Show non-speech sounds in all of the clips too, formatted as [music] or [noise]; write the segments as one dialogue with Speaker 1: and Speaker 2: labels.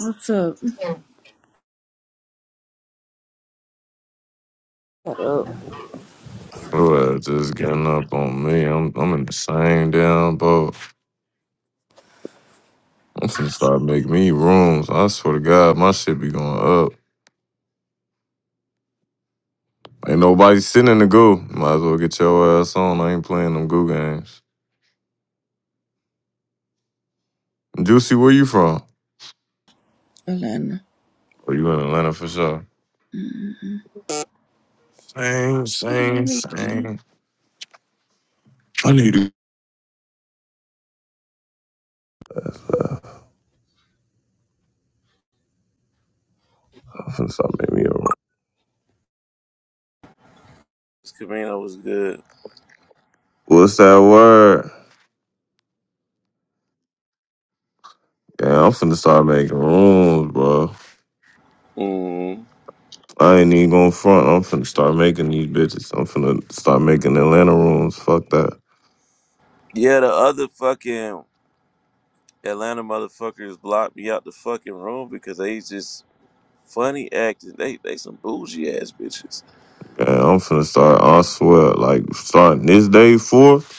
Speaker 1: What's up,
Speaker 2: Well, just getting up on me. I'm I'm in the same damn boat. I'm finna start making me rooms. I swear to God, my shit be going up. Ain't nobody sitting in the goo. Might as well get your ass on. I ain't playing them goo games. Juicy, where you from?
Speaker 1: Atlanta?
Speaker 2: Oh, you in Atlanta for sure.
Speaker 1: Mm,
Speaker 2: Same,
Speaker 1: What the
Speaker 2: same,
Speaker 1: hell is this?
Speaker 2: same. I need to. I'm finna start making me a room.
Speaker 3: Camino was good.
Speaker 2: What's that word? Yeah, I'm finna start making rooms, bro.
Speaker 3: Mm.
Speaker 2: I ain't even gonna front. I'm finna start making these bitches. I'm finna start making Atlanta rooms. Fuck that.
Speaker 3: Yeah, the other fucking Atlanta motherfuckers blocked me out the fucking room because they just funny acting. They they some bougie ass bitches.
Speaker 2: Yeah, I'm finna start. I swear, like starting this day forth,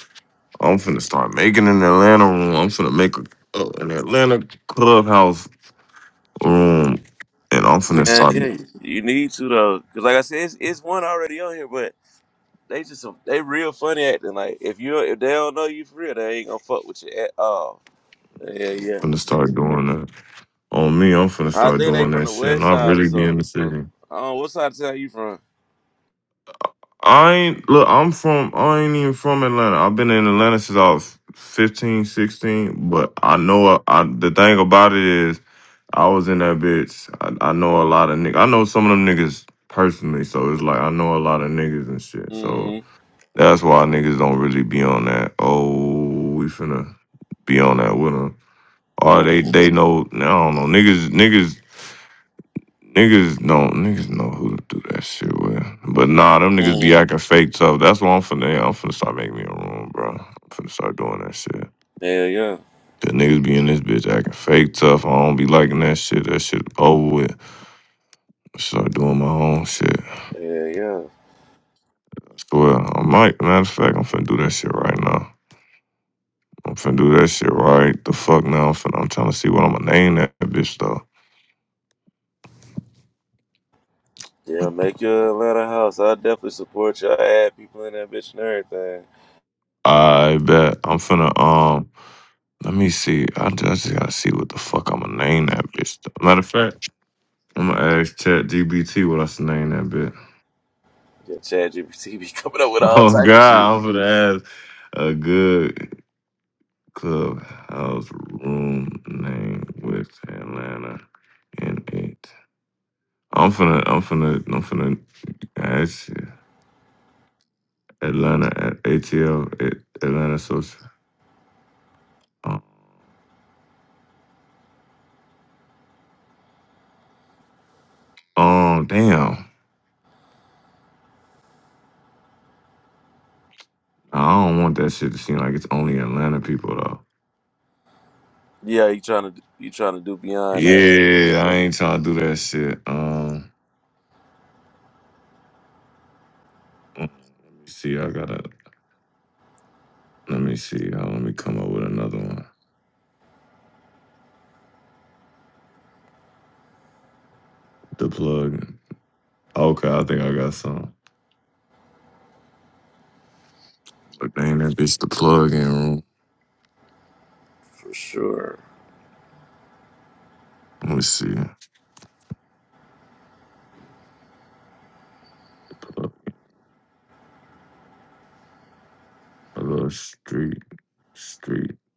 Speaker 2: I'm finna start making an Atlanta room. I'm finna make a, uh, an Atlanta clubhouse room, and I'm finna
Speaker 3: Yeah,
Speaker 2: start.
Speaker 3: yeah. You need to though, because like I said, it's, it's one already on here, but they just some, they real funny acting. Like if you if they don't know you for real, they ain't gonna fuck with you at all. Yeah,
Speaker 2: I'm
Speaker 3: yeah.
Speaker 2: finna start doing that. On me, I'm finna
Speaker 3: I
Speaker 2: start
Speaker 3: think they
Speaker 2: doing
Speaker 3: from
Speaker 2: that
Speaker 3: the
Speaker 2: shit, and
Speaker 3: west
Speaker 2: I
Speaker 3: side or
Speaker 2: really be
Speaker 3: something.
Speaker 2: in the city.
Speaker 3: Oh, what side of town you from?
Speaker 2: I ain't look. I'm from. I ain't even from Atlanta. I've been in Atlanta since I was 15, 16. But I know. I, I the thing about it is. I was in that bitch. I, I know a lot of niggas. I know some of them niggas personally, so it's like I know a lot of niggas and shit. So
Speaker 3: Mm-hmm.
Speaker 2: that's why niggas don't really be on that. Oh, we finna be on that with them. Or they they know. I don't know. Niggas niggas niggas don't niggas know who to do that shit with. But nah, them niggas be
Speaker 3: Mm-hmm.
Speaker 2: acting fake tough. That's why I'm finna yeah, I'm finna start making me a room, bro. I'm finna start doing that shit.
Speaker 3: Hell yeah.
Speaker 2: The niggas be in this bitch acting fake tough. I don't be liking that shit. That shit over with. Start doing my own shit. I
Speaker 3: Yeah, yeah.
Speaker 2: swear, I might. Matter of fact, I'm finna do that shit right now. I'm finna do that shit right the fuck now. I'm finna. I'm trying to see what I'm gonna name that bitch though.
Speaker 3: Yeah, make your Atlanta house. I definitely support y'all. Add people in that bitch and everything.
Speaker 2: I bet I'm finna. Um, let me see. I just, I just gotta see what the fuck I'm gonna name that bitch. Though. Matter of fact, I'm gonna ask ChatGPT what I should name that bitch.
Speaker 3: Yeah, Chad be [laughs] coming up
Speaker 2: [laughs]
Speaker 3: with all
Speaker 2: Oh
Speaker 3: type of shit.
Speaker 2: God, I'm finna ask a good clubhouse room name with Atlanta in it. I'm finna, I'm finna, I'm finna ask you. Atlanta at ATL at Atlanta social. Um, um, damn. Nah, I don't want that shit to seem like it's only Atlanta people though.
Speaker 3: Yeah, you trying to you trying to do beyond that
Speaker 2: Yeah, I ain't trying to do that shit. Um, mm, let me see. I gotta. Let me see. Uh, let me come up with another one. The plug. Okay, I think I got some. But dang, that bitch the plug in room.
Speaker 3: for sure.
Speaker 2: Let me see. The plug. A little street. Street.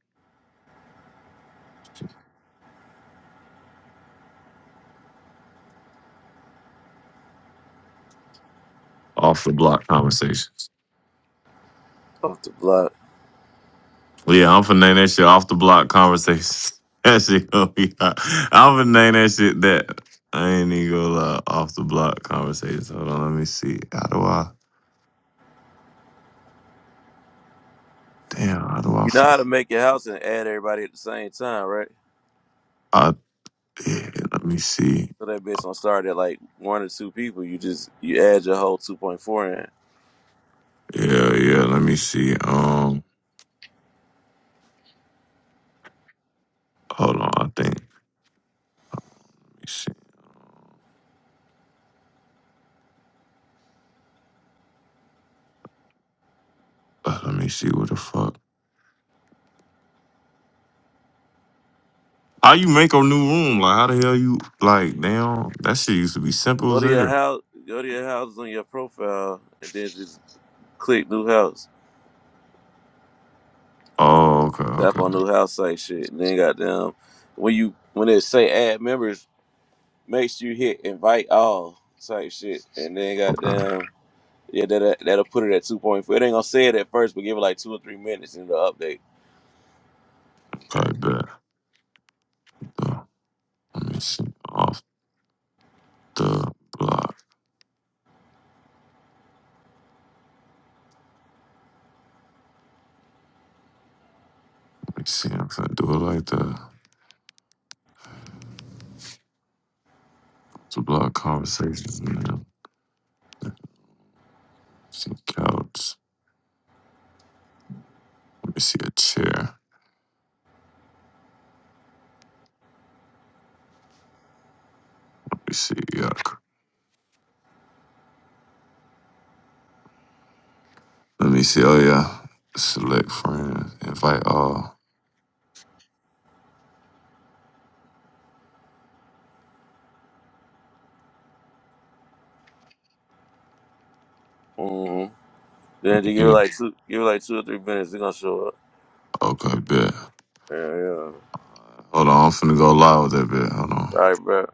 Speaker 2: Off the block conversations.
Speaker 3: Off the block,
Speaker 2: Yeah, I'm finna name that shit off the block conversations. [laughs] That shit gonna be hot. I'm finna name that shit that. I ain't even gonna lie. Off the block conversations. Hold on, let me see. How do I? Damn, how do I?
Speaker 3: you know
Speaker 2: Fuck?
Speaker 3: how to make your house and add everybody at the same time, right?
Speaker 2: I yeah, let me see.
Speaker 3: So that bitch don't start at like one or two people. You just you add your whole two point four in.
Speaker 2: Yeah, yeah, let me see. Um, hold on, I think. Let me see. Uh, let me see what the fuck. How you make a new room? Like, how the hell you like? Damn, that shit used to be simple
Speaker 3: Go to
Speaker 2: as
Speaker 3: your
Speaker 2: hell.
Speaker 3: house. Go to your houses on your profile, and then just click new house.
Speaker 2: Oh, okay,
Speaker 3: Tap
Speaker 2: okay,
Speaker 3: on new house site shit. And then goddamn when you when it say add members, make sure you hit invite all type shit. And then
Speaker 2: okay,
Speaker 3: goddamn yeah, that that'll that'll put it at two point four. It ain't gonna say it at first, but give it like two or three minutes in the update.
Speaker 2: okay, bet. Let me see. Off the block. Let me see. I'm finna do it like that. Off the block conversations, man. Let me see. Couch. Let me see a chair. Let me see. Yuck. Let me see. Oh, yeah. Select friends. Invite all.
Speaker 3: hmm Then you
Speaker 2: Let
Speaker 3: give it
Speaker 2: me
Speaker 3: like two give it like two or three minutes, it's gonna show up.
Speaker 2: Okay, bet.
Speaker 3: Yeah, yeah. All
Speaker 2: Hold on. I'm finna go live with that bit. Hold on.
Speaker 3: right, bro.